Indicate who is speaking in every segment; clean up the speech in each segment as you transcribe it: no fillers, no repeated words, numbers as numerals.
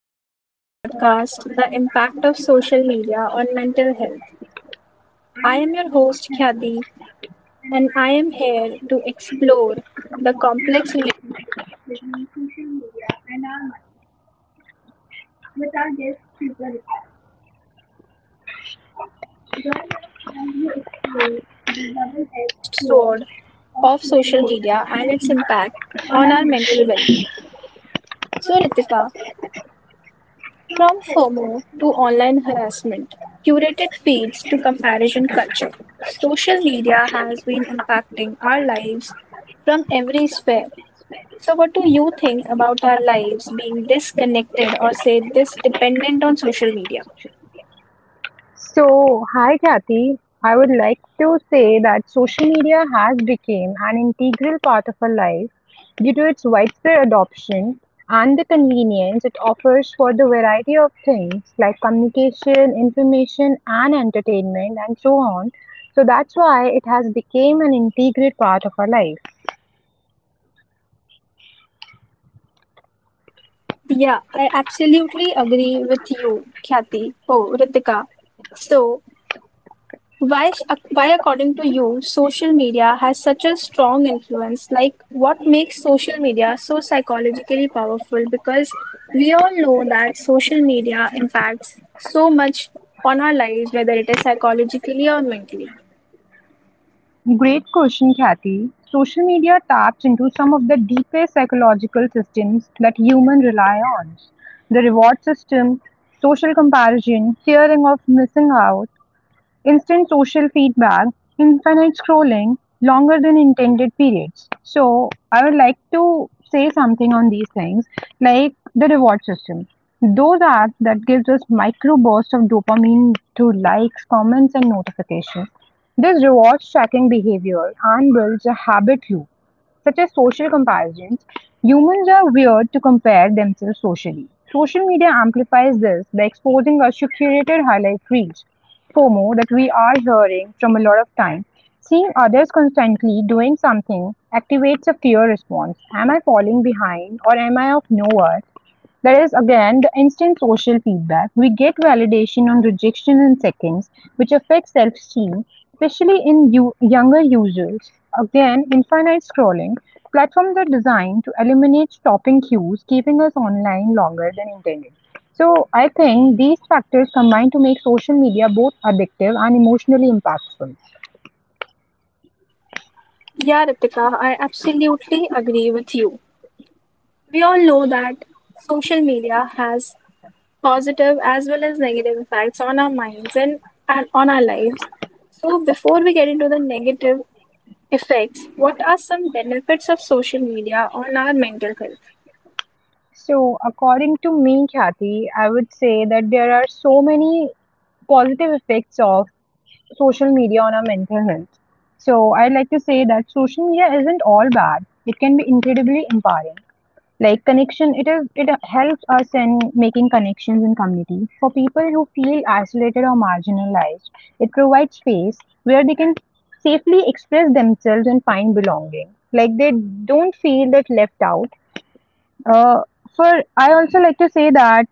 Speaker 1: welcome to our podcast, The Impact of Social Media on Mental Health. I am your host, Khyati, and I am here to explore the complex edged sword of social media and its impact on our mental well being. So, Ritika, from FOMO to online harassment, curated feeds to comparison culture, social media has been impacting our lives from every sphere. So, what do you think about our lives being disconnected or say this dependent on social media?
Speaker 2: So, hi Kathy. I would like to say that social media has become an integral part of our life due to its widespread adoption and the convenience it offers for the variety of things like communication, information and entertainment and so on. So that's why it has become an integral part of our life.
Speaker 1: Yeah, I absolutely agree with you, Khyati. Oh, Ritika. So, why, according to you, social media has such a strong influence? Like, what makes social media so psychologically powerful? Because we all know that social media impacts so much on our lives, whether it is psychologically or mentally.
Speaker 2: Great question, Kathy. Social media taps into some of the deepest psychological systems that humans rely on. The reward system, social comparison, fearing of missing out, instant social feedback, infinite scrolling, longer than intended periods. So, I would like to say something on these things like the reward system. Those apps that gives us micro bursts of dopamine through likes, comments, and notifications. This rewards tracking behavior and builds a habit loop, such as social comparisons. Humans are weird to compare themselves socially. Social media amplifies this by exposing us to curated highlight reels FOMO that we are hearing from a lot of time. Seeing others constantly doing something activates a fear response. Am I falling behind or am I of nowhere? That is again the instant social feedback. We get validation on rejection in seconds, which affects self esteem, especially in younger users. Again, infinite scrolling. Platforms are designed to eliminate stopping cues, keeping us online longer than intended. So, I think these factors combine to make social media both addictive and emotionally impactful.
Speaker 1: Yeah, Ritika, I absolutely agree with you. We all know that social media has positive as well as negative effects on our minds and on our lives. So, before we get into the negative effects, what are some benefits of social media on our mental health?
Speaker 2: So, according to me, Kathy, I would say that there are so many positive effects of social media on our mental health. So I like to say that social media isn't all bad. It can be incredibly empowering. Like connection, it helps us in making connections in community. For people who feel isolated or marginalized, it provides space where they can safely express themselves and find belonging. Like they don't feel that left out. Uh, for I also like to say that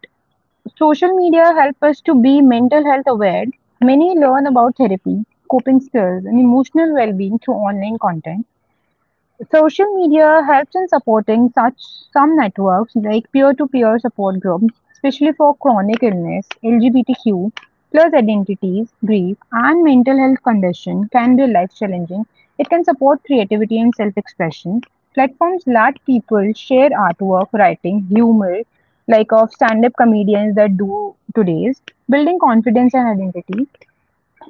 Speaker 2: social media help us to be mental health aware. Many learn about therapy, coping skills, and emotional well-being through online content. Social media helps in supporting such some networks like peer-to-peer support groups, especially for chronic illness, LGBTQ plus identities, grief, and mental health condition can be life challenging. It can support creativity and self-expression. Platforms let people share artwork, writing, humor, like of stand-up comedians that do today's, building confidence and identity.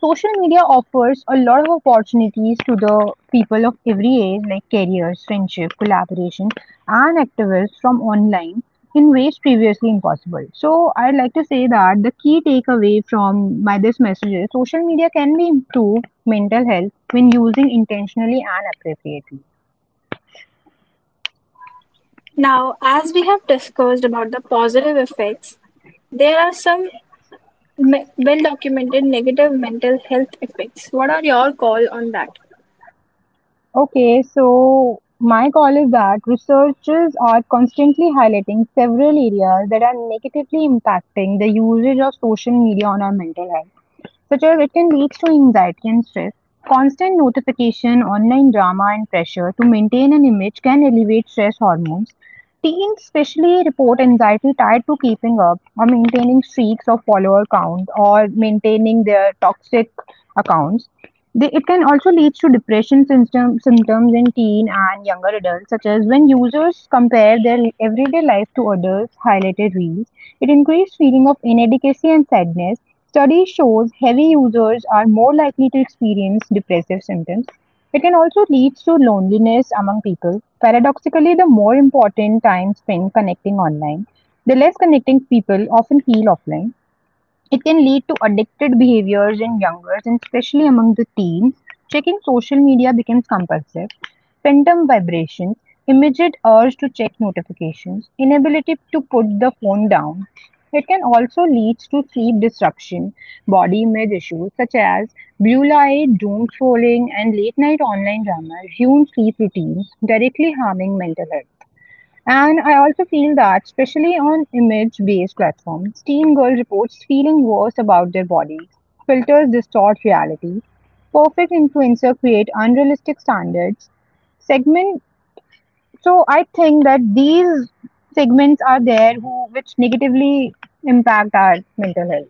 Speaker 2: Social media offers a lot of opportunities to the people of every age like careers, friendship, collaboration, and activists from online in ways previously impossible. So I'd like to say that the key takeaway from my this message is social media can be improved mental health when using intentionally and appropriately.
Speaker 1: Now, as we have discussed about the positive effects, there are some well documented negative mental health effects. What are your call on that?
Speaker 2: Okay, so my call is that researchers are constantly highlighting several areas that are negatively impacting the usage of social media on our mental health. Such as it can lead to anxiety and stress. Constant notification, online drama, and pressure to maintain an image can elevate stress hormones. Teens especially report anxiety tied to keeping up or maintaining streaks of follower count or maintaining their toxic accounts. They, it can also lead to symptoms in teen and younger adults, such as when users compare their everyday life to others' highlighted reels. It increases feeling of inadequacy and sadness. Study shows heavy users are more likely to experience depressive symptoms. It can also lead to loneliness among people. Paradoxically, the more important time spent connecting online, the less connecting people often feel offline. It can lead to addicted behaviors in youngers and especially among the teens. Checking social media becomes compulsive. Phantom vibrations, immediate urge to check notifications, inability to put the phone down. It can also lead to sleep disruption, body image issues such as blue light, doom scrolling, and late night online drama ruin sleep routines, directly harming mental health. And I also feel that, especially on image based platforms, teen girl reports feeling worse about their bodies, filters distort reality, perfect influencer create unrealistic standards, segment. So I think that these segments are there who, which negatively impact our mental health.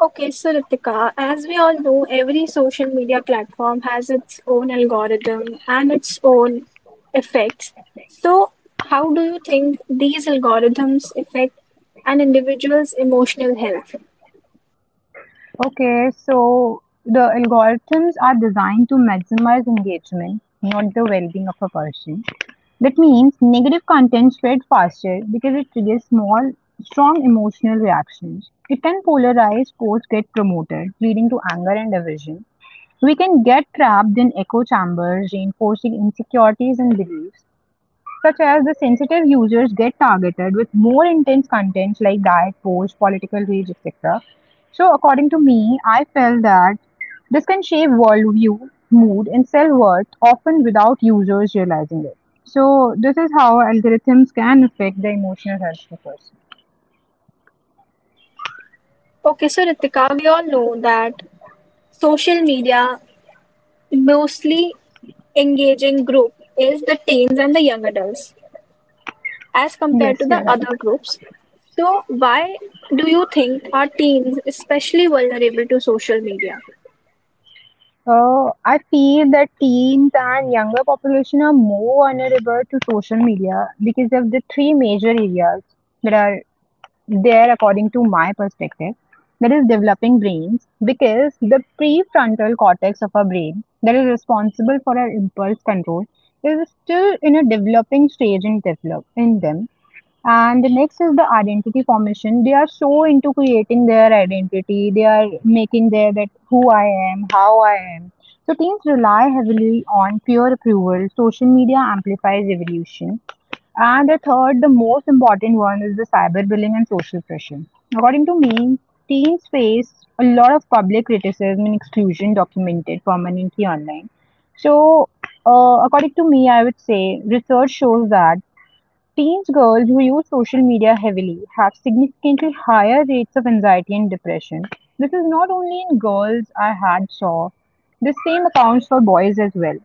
Speaker 1: Okay, so Ritika, as we all know, every social media platform has its own algorithm and its own effects. So, how do you think these algorithms affect an individual's emotional health?
Speaker 2: Okay, so the algorithms are designed to maximize engagement, not the well being of a person. That means negative content spread faster because it triggers small, strong emotional reactions. It can polarize posts get promoted, leading to anger and division. We can get trapped in echo chambers, reinforcing insecurities and beliefs such as the sensitive users get targeted with more intense content like diet posts, political rage, etc. So, according to me, I felt that this can shape worldview, mood, and self worth often without users realizing it. So, this is how algorithms can affect the emotional health of a person.
Speaker 1: Okay, so Ritika, we all know that social media, mostly engaging group, is the teens and the young adults as compared
Speaker 2: Yes,
Speaker 1: to the
Speaker 2: you're right.
Speaker 1: other groups. So, why do you think our teens especially vulnerable to social media?
Speaker 2: I feel that teens and younger population are more vulnerable to social media because of the three major areas that are there according to my perspective, that is developing brains because the prefrontal cortex of our brain that is responsible for our impulse control is still in a developing stage in develop in them. And the next is the identity formation. They are so into creating their identity, they are making their that who I am, how I am. So teens rely heavily on peer approval, social media amplifies evolution. And the third, the most important one is the cyberbullying and social pressure. According to me, teens face a lot of public criticism and exclusion documented permanently online. So, according to me, I would say research shows that teens girls who use social media heavily have significantly higher rates of anxiety and depression. This is not only in girls I had saw, the same accounts for boys as well.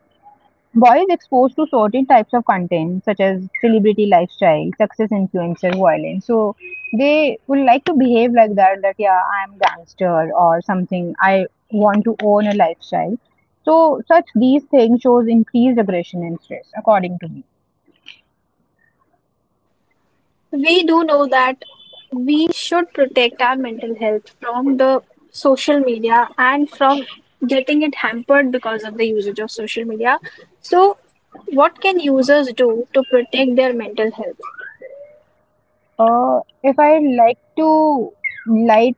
Speaker 2: Boys exposed to certain types of content, such as celebrity lifestyle, success influencer, violence. So they will like to behave like that, that yeah, I'm gangster or something. I want to own a lifestyle. So such these things shows increased aggression and stress, according to me.
Speaker 1: We do know that we should protect our mental health from the social media and from getting it hampered because of the usage of social media. So, what can users do to protect their mental health?
Speaker 2: If I like to light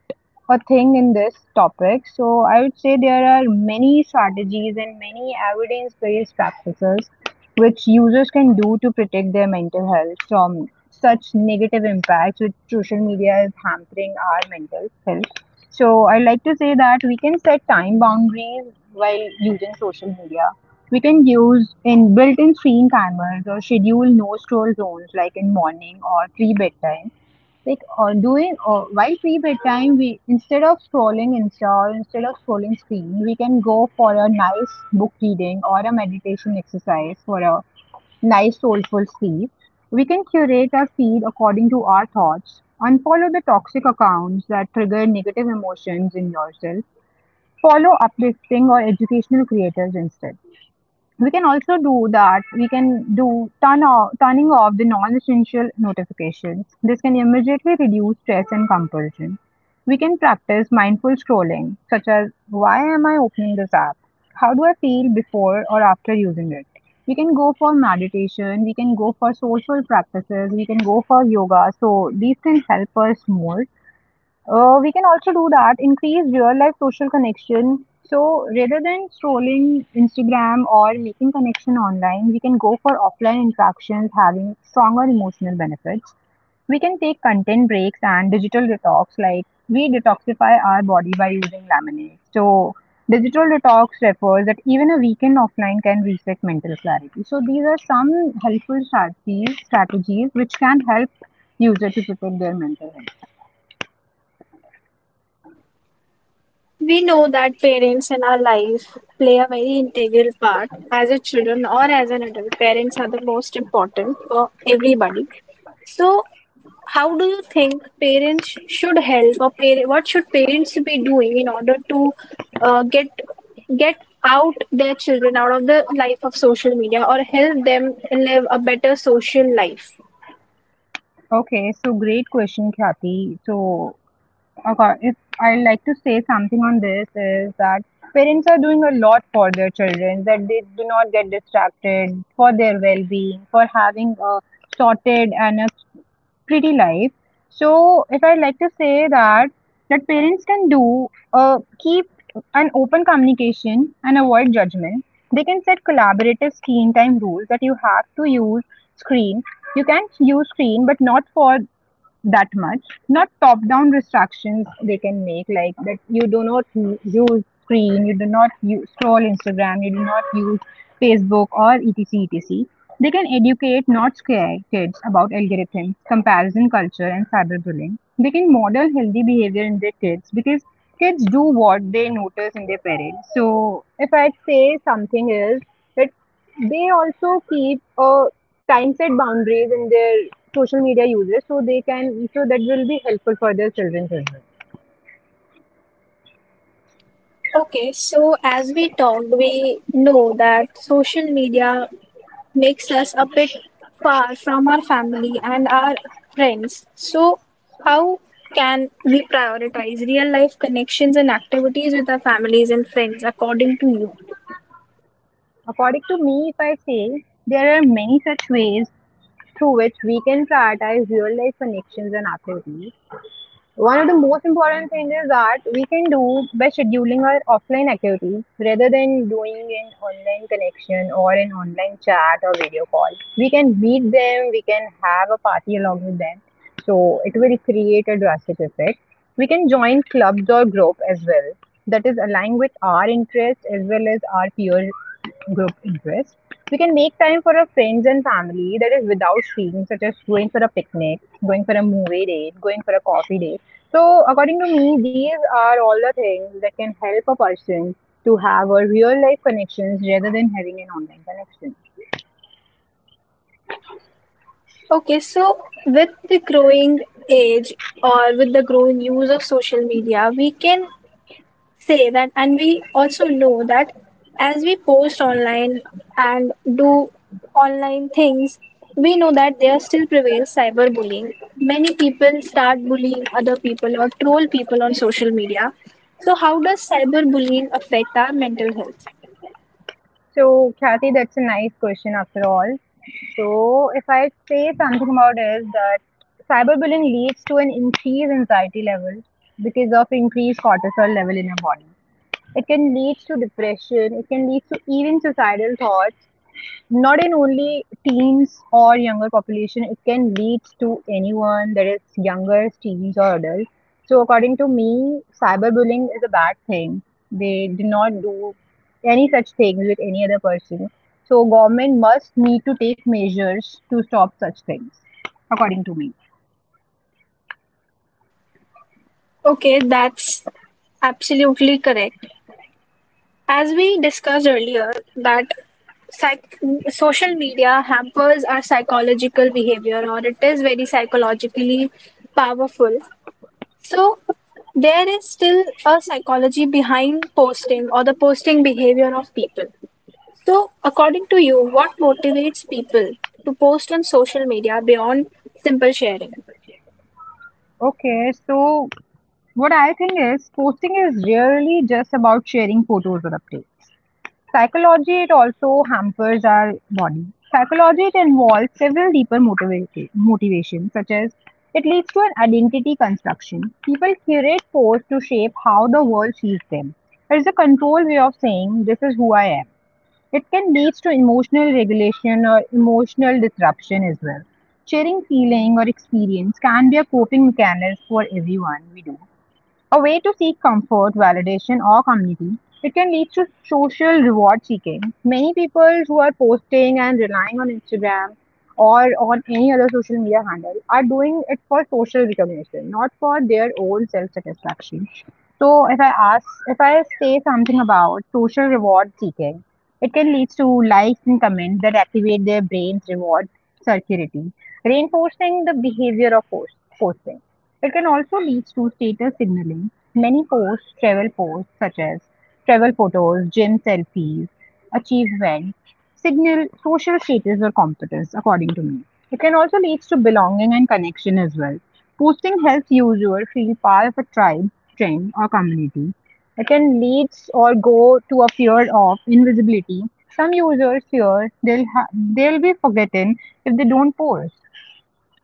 Speaker 2: a thing in this topic, so I would say there are many strategies and many evidence-based practices which users can do to protect their mental health from such negative impacts which social media is hampering our mental health. So I like to say that we can set time boundaries while using social media. We can use in built-in screen timers or schedule no scroll zones like in morning or pre-bedtime. Like doing while pre-bedtime, we instead of scrolling Insta or instead of scrolling screen, we can go for a nice book reading or a meditation exercise for a nice soulful sleep. We can curate our feed according to our thoughts. Unfollow the toxic accounts that trigger negative emotions in yourself. Follow uplifting or educational creators instead. We can also do that. We can do turn off, Turning off the non-essential notifications. This can immediately reduce stress and compulsion. We can practice mindful scrolling, such as why am I opening this app? How do I feel before or after using it? We can go for meditation, we can go for social practices, we can go for yoga. So these things help us more. We can also do that, increase real life social connection. So rather than scrolling Instagram or making connection online, we can go for offline interactions having stronger emotional benefits. We can take content breaks and digital detox, like we detoxify our body by using lemonade. So digital detox refers that even a weekend offline can reset mental clarity. So these are some helpful strategies which can help user to protect their mental health.
Speaker 1: We know that parents in our life play a very integral part as a children or as an adult. Parents are the most important for everybody. So, how do you think parents should help, or what should parents be doing in order to uh, get get out their children out of the life of social media, or help them live a better social life?
Speaker 2: Okay, so great question, Khyati. If I like to say something on this is that parents are doing a lot for their children that they do not get distracted for their well-being for having a sorted and a pretty life. So if I like to say that parents can do, keep an open communication and avoid judgment. They can set collaborative screen time rules that you have to use screen. You can use screen, but not for that much. Not top down restrictions they can make, like that you do not use screen, you do not use, scroll Instagram, you do not use Facebook or etc. etc. They can educate, not scare kids about algorithms, comparison culture, and cyberbullying. They can model healthy behavior in their kids because kids do what they notice in their parents. So, if I say something is that they also keep a time set boundaries in their social media usage, so they can so that will be helpful for their children as well.
Speaker 1: Okay, so as we talked, we know that social media makes us a bit far from our family and our friends. So, how can we prioritize real life connections and activities with our families and friends according to you?
Speaker 2: According to me, if I say there are many such ways through which we can prioritize real life connections and activities. One of the most important things is that we can do by scheduling our offline activities rather than doing an online connection or an online chat or video call. We can meet them, we can have a party along with them, so it will create a drastic effect. We can join clubs or group as well that is aligned with our interests as well as our peer group interests. We can make time for our friends and family that is without screens, such as going for a picnic, going for a movie date, going for a coffee date. So, according to me, these are all the things that can help a person to have a real life connections rather than having an online connection.
Speaker 1: Okay, so with the growing age or with the growing use of social media, we can say that, and we also know that as we post online and do online things, we know that there still prevails cyberbullying. Many people start bullying other people or troll people on social media. So, how does cyberbullying affect our mental health?
Speaker 2: So, Kathy, that's a nice question after all. So, if I say something about is that cyberbullying leads to an increased anxiety level because of increased cortisol level in our body. It can lead to depression. It can lead to even suicidal thoughts, not in only teens or younger population. It can lead to anyone, that is younger teens or adults. So, according to me, cyberbullying is a bad thing. They do not do any such things with any other person. So, government must need to take measures to stop such things, according to me.
Speaker 1: Okay, that's absolutely correct. As we discussed earlier, that psych- social media hampers our psychological behavior, or it is very psychologically powerful. So, there is still a psychology behind posting or the posting behavior of people. So, according to you, what motivates people to post on social media beyond simple sharing?
Speaker 2: Okay, so what I think is posting is really just about sharing photos or updates. Psychology, it also hampers our body. Psychology, it involves several deeper motivations, such as it leads to an identity construction. People curate posts to shape how the world sees them. It is a control way of saying, this is who I am. It can lead to emotional regulation or emotional disruption as well. Sharing feeling or experience can be a coping mechanism for everyone we do, a way to seek comfort, validation, or community. It can lead to social reward seeking. Many people who are posting and relying on Instagram or on any other social media handle are doing it for social recognition, not for their own self satisfaction. So, if I say something about social reward seeking, it can lead to likes and comments that activate their brain's reward circuitry, reinforcing the behavior of posting. It can also lead to status signaling. Many posts, travel posts such as travel photos, gym selfies, achievements, signal social status or competence, according to me. It can also lead to belonging and connection as well. Posting helps user feel part of a tribe, trend, or community. It can lead or go to a fear of invisibility. Some users fear they'll be forgotten if they don't post.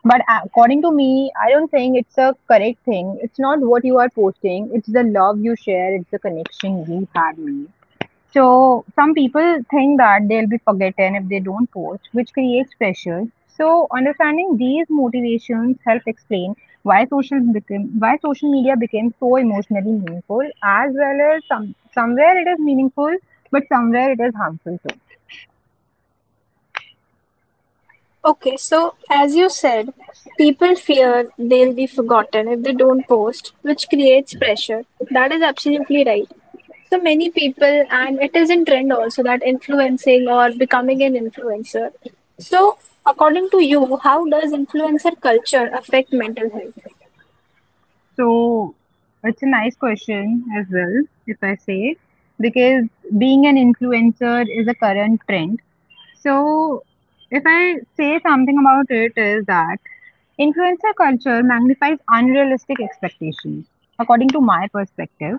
Speaker 2: But according to me, I don't think it's a correct thing. It's not what you are posting, it's the love you share, it's the connection you had made. So, some people think that they'll be forgotten if they don't post, which creates pressure. So, understanding these motivations help explain why social media became so emotionally meaningful, as well as some somewhere it is meaningful but somewhere it is harmful too.
Speaker 1: Okay, so as you said, people fear they'll be forgotten if they don't post, which creates pressure. That is absolutely right. So many people, and it is in trend also that influencing or becoming an influencer. So, according to you, how does influencer culture affect mental health?
Speaker 2: So it's a nice question as well, if I say, because being an influencer is a current trend. So if I say something about it is that influencer culture magnifies unrealistic expectations, according to my perspective.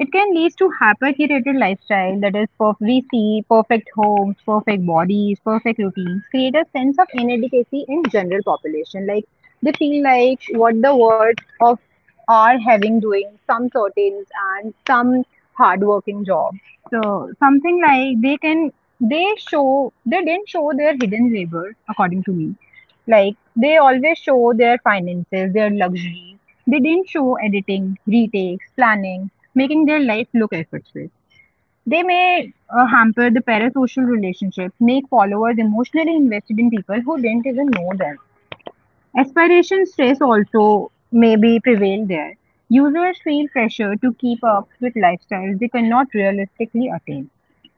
Speaker 2: It can lead to hyper-curated lifestyle that is we see perfect homes, perfect bodies, perfect routines, create a sense of inadequacy in general population. Like they feel like what the worth of are having doing some certain and some hardworking job. So something like they can they show they didn't show their hidden labor, according to me. Like they always show their finances, their luxuries, they didn't show editing, retakes, planning, making their life look effortless. They may hamper the parasocial relationship, make followers emotionally invested in people who didn't even know them. Aspiration stress also may be prevail there. Users feel pressure to keep up with lifestyles they cannot realistically attain.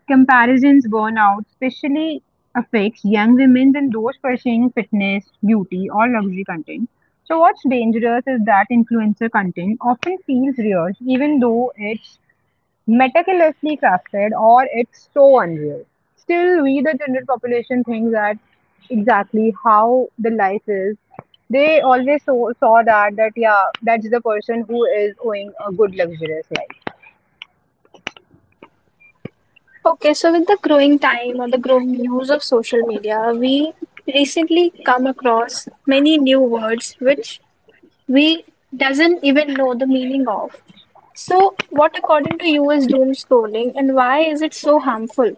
Speaker 2: Comparisons burn out, especially affects young women and those pursuing fitness, beauty, or luxury content. So, what's dangerous is that influencer content often feels real, even though it's meticulously crafted or it's so unreal. Still, we, the general population, think that exactly how the life is. They always saw that that yeah, that's the person who is owning a good luxurious life.
Speaker 1: Okay, so with the growing time or the growing use of social media, we recently come across many new words which we doesn't even know the meaning of. So, what according to you is doom scrolling and why is it so harmful?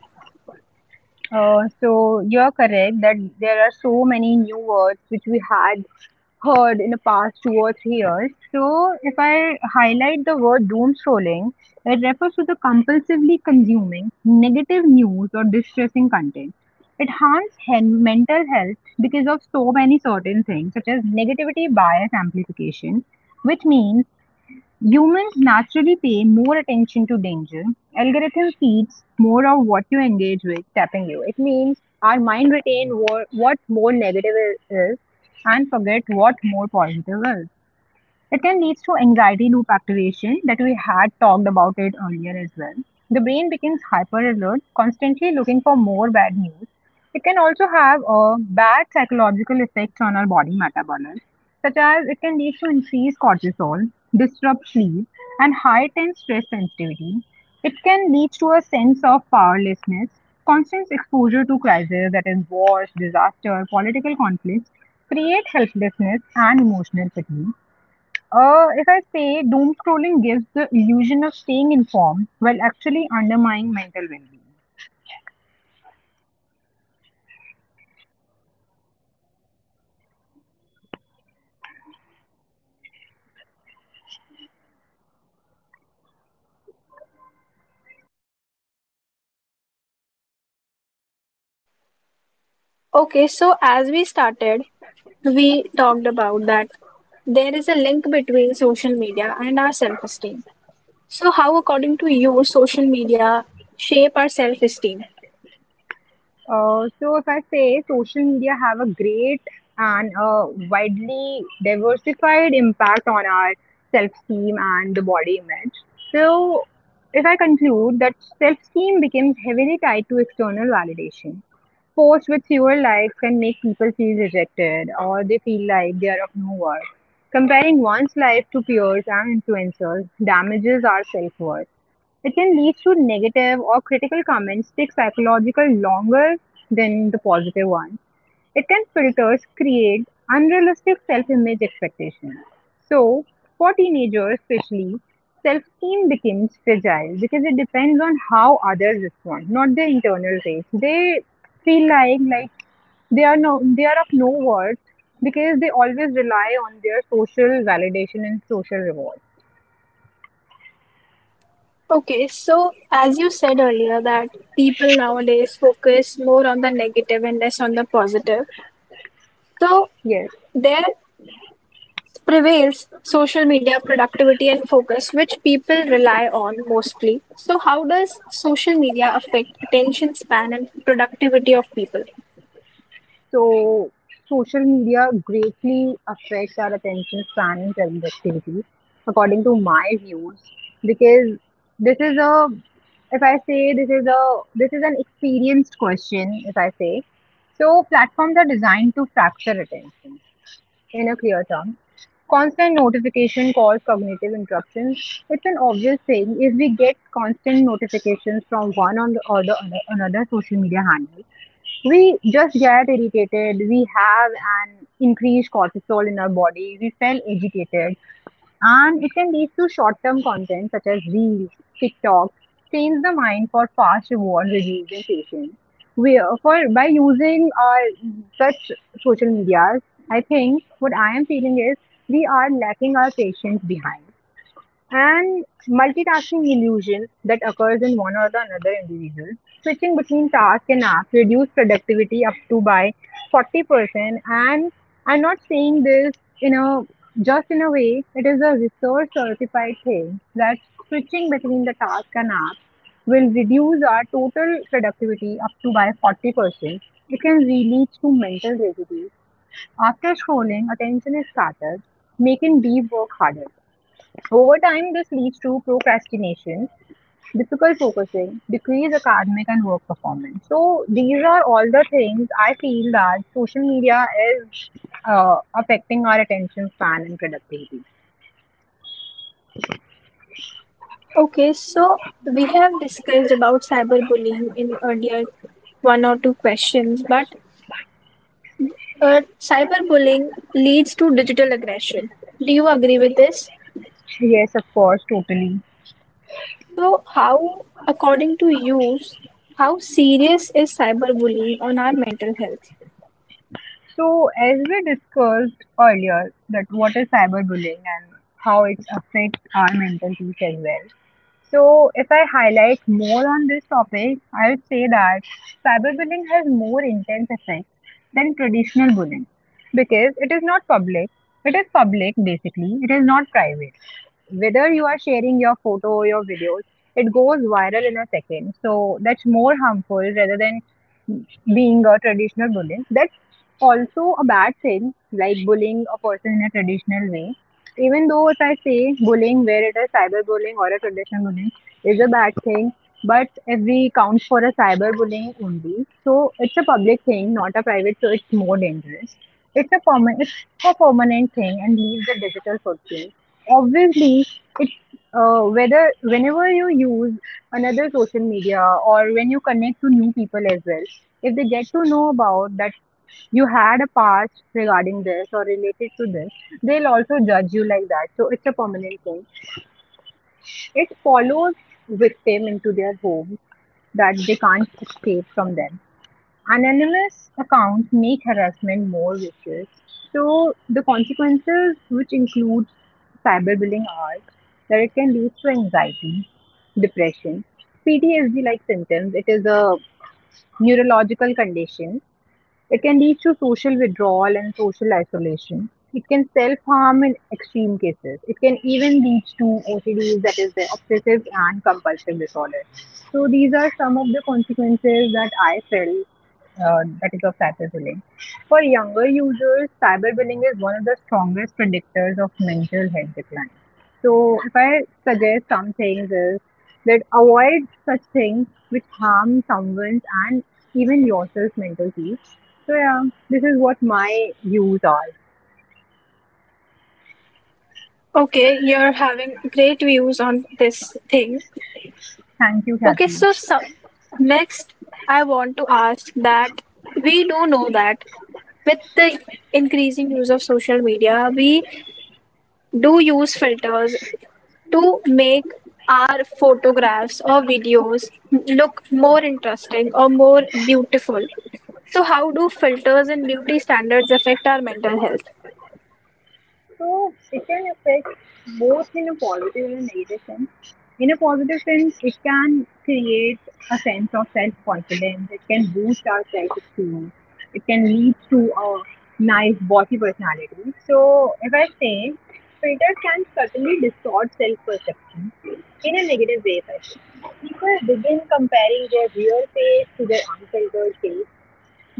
Speaker 2: So you're correct that there are so many new words which we had heard in the past 2 or 3 years. So if I highlight the word doom scrolling, it refers to the compulsively consuming negative news or distressing content. It harms mental health because of so many certain things such as negativity bias amplification, which means humans naturally pay more attention to danger. Algorithm feeds more of what you engage with, tapping you. It means our mind retain what more negative is and forget what more positive is. It can lead to anxiety loop activation that we had talked about it earlier as well. The brain becomes hyper alert, constantly looking for more bad news. It can also have a bad psychological effects on our body metabolism, such as it can lead to increased cortisol, disrupt sleep, and heightened stress sensitivity. It can lead to a sense of powerlessness, constant exposure to crises that is wars, disaster, political conflicts, create helplessness and emotional fatigue. If I say doom scrolling gives the illusion of staying informed while actually undermining mental well being.
Speaker 1: Okay, so as we started, we talked about that there is a link between social media and our self-esteem. So, how according to you social media shape our self-esteem?
Speaker 2: So if I say social media have a great and widely diversified impact on our self-esteem and the body image. So if I conclude that self-esteem becomes heavily tied to external validation. Posts with fewer likes can make people feel rejected or they feel like they are of no worth. Comparing one's life to peers and influencers damages our self-worth. It can lead to negative or critical comments take psychological longer than the positive ones. It can filters create unrealistic self-image expectations. So, for teenagers especially, self-esteem becomes fragile because it depends on how others respond, not their internal race. They feel like they are they are of no worth because they always rely on their social validation and social reward.
Speaker 1: Okay, so as you said earlier that people nowadays focus more on the negative and less on the positive. So,
Speaker 2: Yes.
Speaker 1: there prevails social media productivity and focus, which people rely on mostly. So, how does social media affect attention span and productivity of people?
Speaker 2: So, social media greatly affects our attention span and productivity, according to my views, because this is a, if I say this is an experienced question, if I say. So, platforms are designed to fracture attention in a clear term. Constant notification cause cognitive interruptions. It's an obvious thing if we get constant notifications from one on the, or the other, another social media handle. We just get irritated, we have an increased cortisol in our body, we feel agitated, and it can lead to short-term content such as reels, TikTok trains the mind for fast reward reducing patience. We for by using such social medias, I think what I am feeling is we are lacking our patience behind, and multitasking illusion that occurs in one or the another individual. Switching between tasks and apps reduce productivity up to by 40%, and I'm not saying this, you know, just in a way it is a research certified thing that switching between the task and apps will reduce our total productivity up to by 40%. It can really lead to mental residue. After scrolling, attention is scattered, making deep work harder. Over time, this leads to procrastination, difficult focusing, decreased academic and work performance. So, these are all the things I feel that social media is affecting our attention span and productivity.
Speaker 1: Okay, so we have discussed about cyberbullying in earlier one or two questions, but cyberbullying leads to digital aggression. Do you agree with this?
Speaker 2: Yes, of course, totally.
Speaker 1: So, how, according to you, how serious is cyberbullying on our mental health?
Speaker 2: So, as we discussed earlier, that what is cyberbullying and how it affects our mental peace as well. So, if I highlight more on this topic, I would say that cyberbullying has more intense effects than traditional bullying because it is not public. It is public basically, it is not private. Whether you are sharing your photo or your videos, it goes viral in a second. So, that's more harmful rather than being a traditional bullying. That's also a bad thing, like bullying a person in a traditional way. Even though if I say bullying, where it is cyberbullying or a traditional bullying, is a bad thing. But if we count for a cyberbullying only, so it's a public thing, not a private, so it's more dangerous. It's a permanent thing and leaves a digital footprint. Obviously, it's whether whenever you use another social media or when you connect to new people as well, if they get to know about that you had a past regarding this or related to this, they'll also judge you like that. So it's a permanent thing. It follows with them into their home that they can't escape from them. Anonymous accounts make harassment more vicious. So the consequences, which include cyberbullying, are that it can lead to anxiety, depression, PTSD-like symptoms. It is a neurological condition. It can lead to social withdrawal and social isolation. It can self harm in extreme cases. It can even lead to OCDs, that is, the obsessive and compulsive disorder. So, these are some of the consequences that I felt that is of cyberbullying. For younger users, cyberbullying is one of the strongest predictors of mental health decline. So, if I suggest some things, is that avoid such things which harm someone's and even yourself mental peace. So yeah, this is what my views are.
Speaker 1: Okay, you're having great views on this thing.
Speaker 2: Thank you,
Speaker 1: Okay,
Speaker 2: Kathy.
Speaker 1: so next I want to ask that we do know that with the increasing use of social media, we do use filters to make our photographs or videos look more interesting or more beautiful. So, how do filters and beauty standards affect our mental health?
Speaker 2: So it can affect both in a positive and a negative sense. In a positive sense, it can create a sense of self-confidence. It can boost our self-esteem. It can lead to a nice body personality. So if I say, filters can certainly distort self-perception in a negative way. If I say. People begin comparing their real face to their unfiltered face,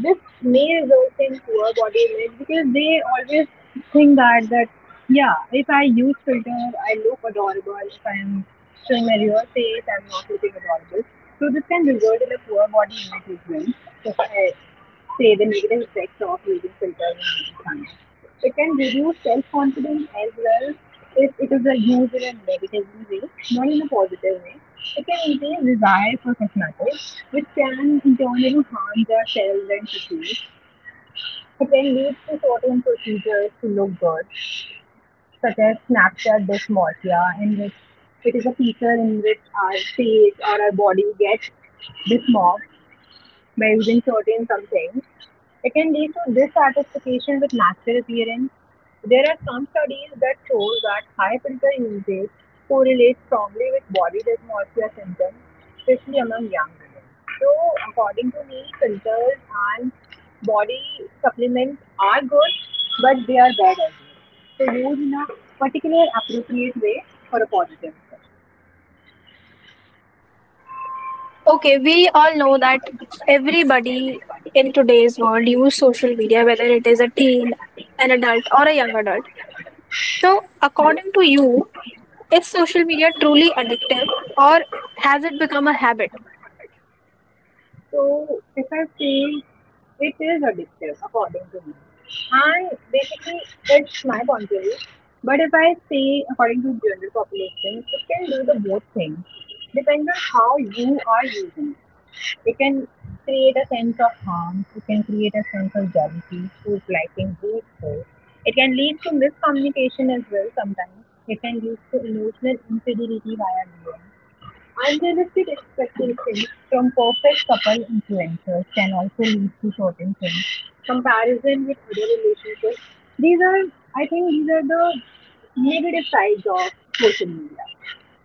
Speaker 2: this male girls in poor body image because they always think that yeah, if I use filter, I look adorable. If I'm showing my real face, I'm not looking adorable. So this can result in a poor body image as well. So I, say the negative effects of using filters and using. So it can reduce self-confidence as well if it is used in a negative way, not in a positive way. It can increase desire for cosmetics, which can in turn, harm their cells and tissues. It can lead to certain procedures to look good, such as Snapchat dysmorphia, in which it is a feature in which our face or our body gets dysmorphed by using certain something, it can lead to dissatisfaction with natural appearance. There are some studies that show that high filter usage correlates strongly with body dysmorphia symptoms, especially among young women. So, according to me, filters and body supplements are good, but they are bad as well. So, use in a particular appropriate way for a positive effect.
Speaker 1: Okay, we all know that everybody in today's world use social media, whether it is a teen, an adult, or a young adult. So, according to you, is social media truly addictive or has it become a habit?
Speaker 2: So if I feel it is addictive according to me. And basically it's my point of view. But if I say according to general population, it can do the both things. Depends on how you are using it. It can create a sense of harm, it can create a sense of jealousy, who's liking who's poor. It can lead to miscommunication as well sometimes. It can lead to emotional instability via DM. Unrealistic expectations from perfect couple influencers can also lead to certain things. Comparison with other relationships. These are, I think, these are the negative sides of social media.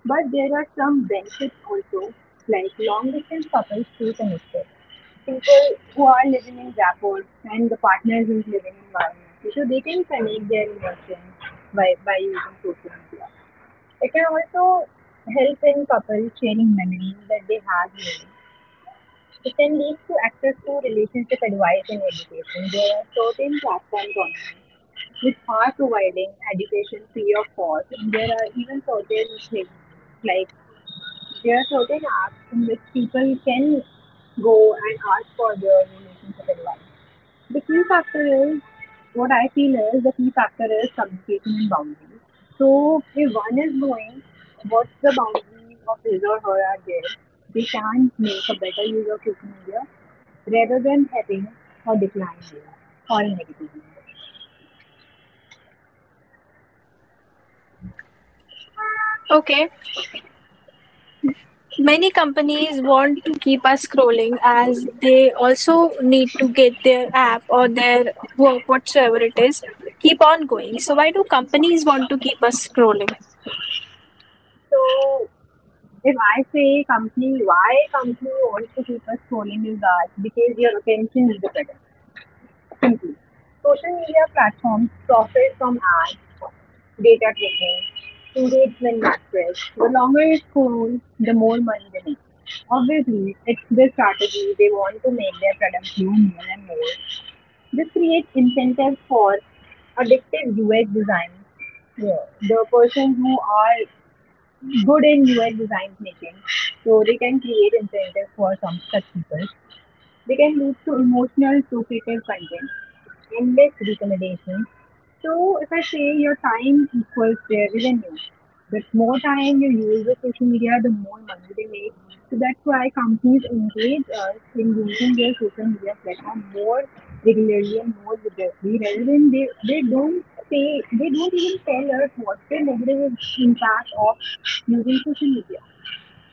Speaker 2: But there are some benefits also, like long distance couples stay connected. People who are living in rapport and the partners is living environment, so they can connect their emotions by using social media. It can also help in couples sharing memories that they have made. It can lead to access to relationship advice and education. There are certain platforms online which are providing education free of cost, and there are even certain things like there are certain apps in which people can go and ask for their relationship advice. The key factor is, what I feel is the key factor is communication and boundaries. So if one is knowing what's the boundaries of his or her are there, they can make a better use of social media rather than having a decline rate or a negative rate.
Speaker 1: Okay, many companies want to keep us scrolling as they also need to get their app or their work, whatsoever it is, keep on going. So, why do companies want to keep us scrolling?
Speaker 2: So if I say company, why company wants to keep us scrolling is that because your attention is the better. Social media platforms profit from ads, data tracking, engagement metrics. The longer it scrolls, the more money they make. Obviously, it's their strategy. They want to make their products do more and more. This creates incentives for addictive UX design. Yeah, the person who are good in UX design making, so they can create incentives for some such people. They can lead to emotional, duplicative content, endless recommendations. So, if I say your time equals their revenue, the more time you use with social media, the more money they make. So that's why companies engage us in using their social media platform more regularly and more vigorously rather than they don't say, they don't even tell us what's the negative impact of using social media.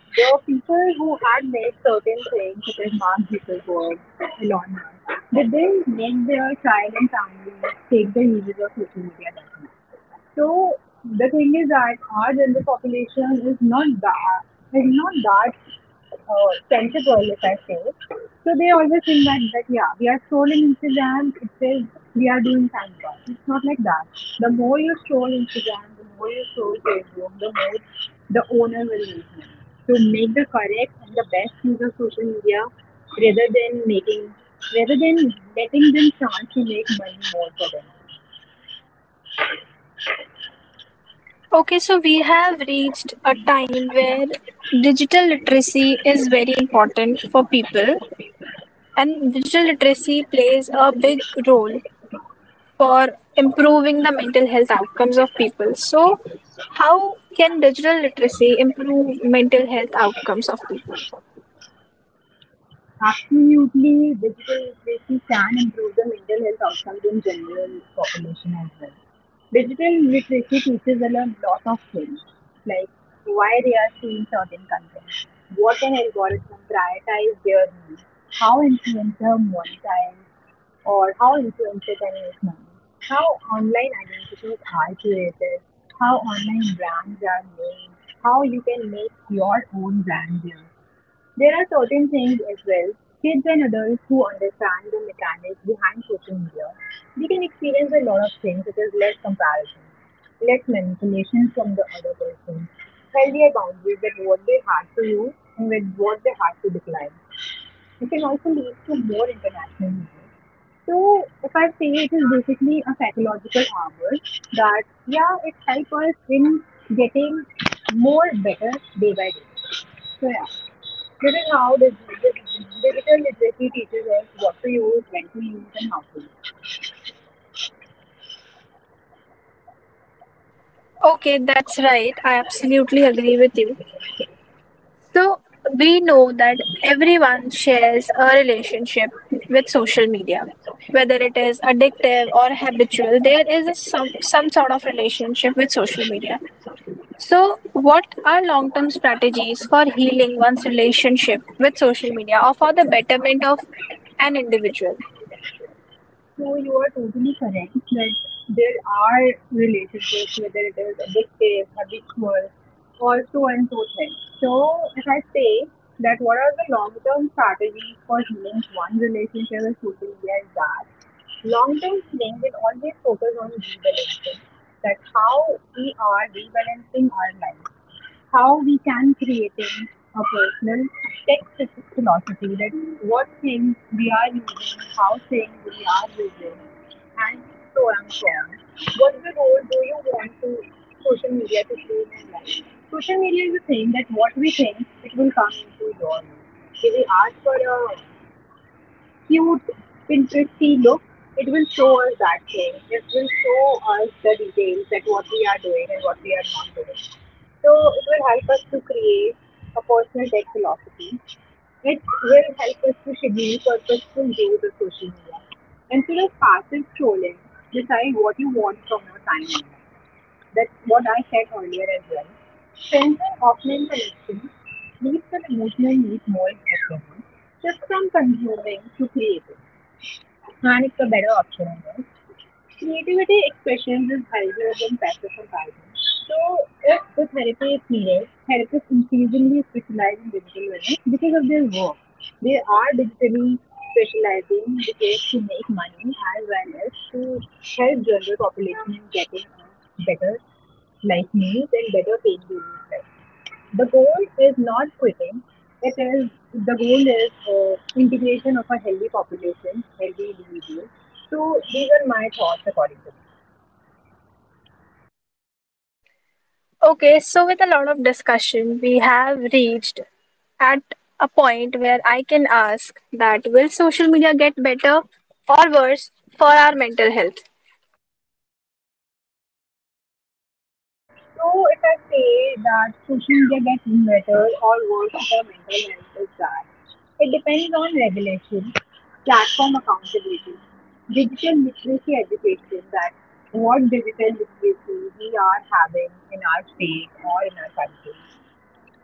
Speaker 2: There were people who had made certain things, such as Mark Zuckerberg, Elon Musk. Did they make their child and family take the uses of social media? So the thing is that our general population is not that like not that sensible, if I say. So they always think that yeah, we are scrolling Instagram. It says we are doing time pass. It's not like that. The more you scroll Instagram, the more you scroll Facebook, the more the owner will make money. So make the correct and the best use of social media, rather than making, rather than letting them chance to make money more for them.
Speaker 1: Okay, so we have reached a time where digital literacy is very important for people, and digital literacy plays a big role for improving the mental health outcomes of people. So, how can digital literacy improve mental health outcomes of people?
Speaker 2: Absolutely, digital literacy can improve the mental health outcomes in general population as well. Digital literacy teaches a lot of things, like why they are seeing certain content, what an algorithm prioritize their needs, how influencer monetize, or how influencer can make money, how online identities are curated, how online brands are made, how you can make your own brand there. There are certain things as well. Kids and adults who understand the mechanics behind social media, they can experience a lot of things such as less comparison, less manipulation from the other person, healthier boundaries with what they had to use and with what they had to decline. It can also lead to more international media. So if I say it is basically a psychological armor that yeah, it helps us in getting more better day by day. So yeah. This is how the digital literacy teaches us what to use, when to use, and how to use.
Speaker 1: Okay, that's right. I absolutely agree with you. So we know that everyone shares a relationship with social media, whether it is addictive or habitual. There is a some sort of relationship with social media. So, what are long-term strategies for healing one's relationship with social media, or for the betterment of an individual?
Speaker 2: So you are totally correct that there are relationships, whether it is addictive, habitual, or so and so things. So if I say that what are the long-term strategies for healing one relationship with social media is that long-term healing will always focus on rebalancing, that how we are rebalancing our life. How we can creating a personal text philosophy that what things we are using, how things we are using, and so on and so on. What the role do you want to social media to play in your life? Social media is a thing that what we think it will come into your life. If we ask for a cute, Pinteresty look, it will show us that thing. It will show us the details that what we are doing and what we are not doing. So it will help us to create a personal tech philosophy. It will help us to schedule purposeful use of social media. Instead of passive scrolling, decide what you want from your time. That's what I said earlier as well. Strengthen offline connections leads an emotional need more effectively. Shift from consuming to creating. And it's a better option. I guess. Creativity expressions is higher than passive comparison. So, if the therapy is needed, therapists increasingly specialize in digital wellness because of their work. They are digitally specializing because to make money as well as to help general population in getting a better life means and better pain relief. The goal is not quitting. It is the goal is integration of a healthy population, healthy individuals. So these are my thoughts according to me.
Speaker 1: Okay, so with a lot of discussion, we have reached at a point where I can ask that will social media get better or worse for our mental health?
Speaker 2: So if I say that social media gets better or worse for mental health is that it depends on regulation, platform accountability, digital literacy education that what digital literacy we are having in our state or in our country,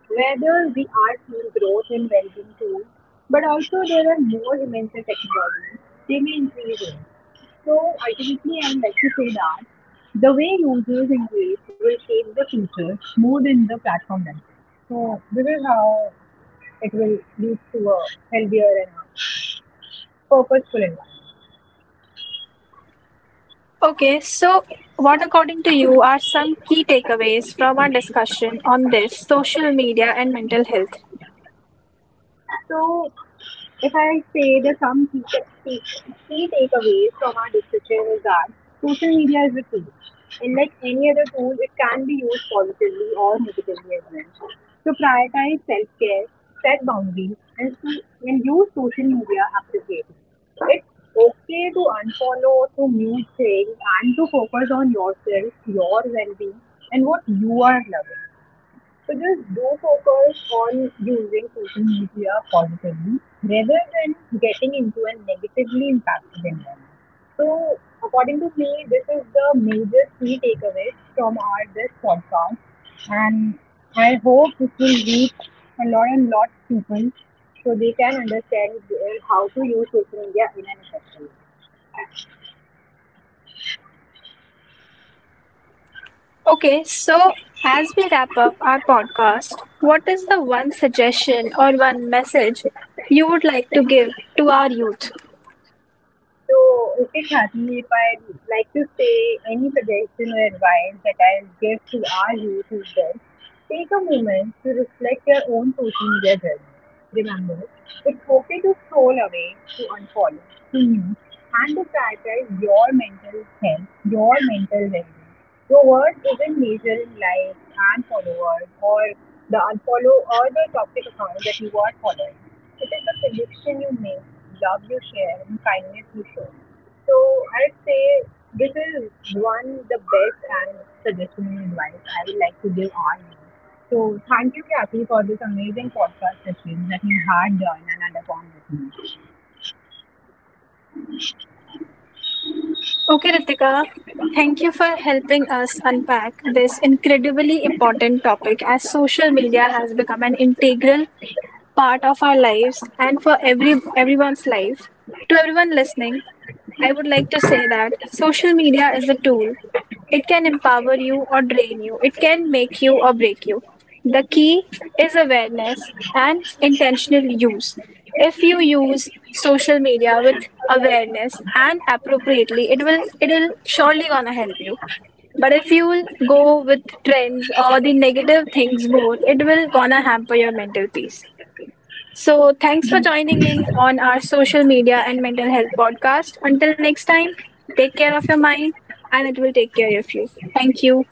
Speaker 2: whether we are seeing growth in well-being tools, but also there are more dimensions of technology, they may increase it. So ultimately, I would like to say that the way users engage will shape the future more than the platform does. So this is how it will lead to a healthier and a purposeful environment.
Speaker 1: Okay, so what according to you are some key takeaways from our discussion on this social media and mental health?
Speaker 2: So, if I say the some key, key takeaways from our discussion is that social media is a tool, and like any other tool, it can be used positively or negatively as well. So prioritize self-care, set boundaries, and so, and use social media appropriately. It's okay to unfollow to mute things and to focus on yourself, your well-being, and what you are loving. So just do focus on using social media positively rather than getting into a negatively impacted environment. So according to me, this is the major key takeaway from our this podcast. And I hope this will reach a lot and lot of people so they can understand how to use social media in an effective way.
Speaker 1: Okay, so as we wrap up our podcast, what is the one suggestion or one message you would like to give to our youth?
Speaker 2: So Ritik Hati, if I'd like to say any suggestion or advice that I'll give to our youth is this. Take a moment to reflect your own social media journey. Remember, it's okay to scroll away, to unfollow, to mute, and to prioritize your mental health, your mental well-being. Your worth isn't measured in likes and followers or the unfollow or the toxic account that you are following. It is the connection you make, love you share, and kindness you show. So I'd say this is one the best and suggestion and advice I would like to give all you. So thank you, Kathy, for this amazing podcast session that you had done and undergone with me.
Speaker 1: Okay, Ritika, thank you for helping us unpack this incredibly important topic as social media has become an integral part of our lives and for everyone's life. To everyone listening, I would like to say that social media is a tool. It can empower you or drain you. It can make you or break you. The key is awareness and intentional use. If you use social media with awareness and appropriately, it will surely gonna help you. But if you will go with trends or the negative things more, it will gonna hamper your mental peace. So, thanks for joining in on our social media and mental health podcast. Until next time, take care of your mind and it will take care of you. Thank you.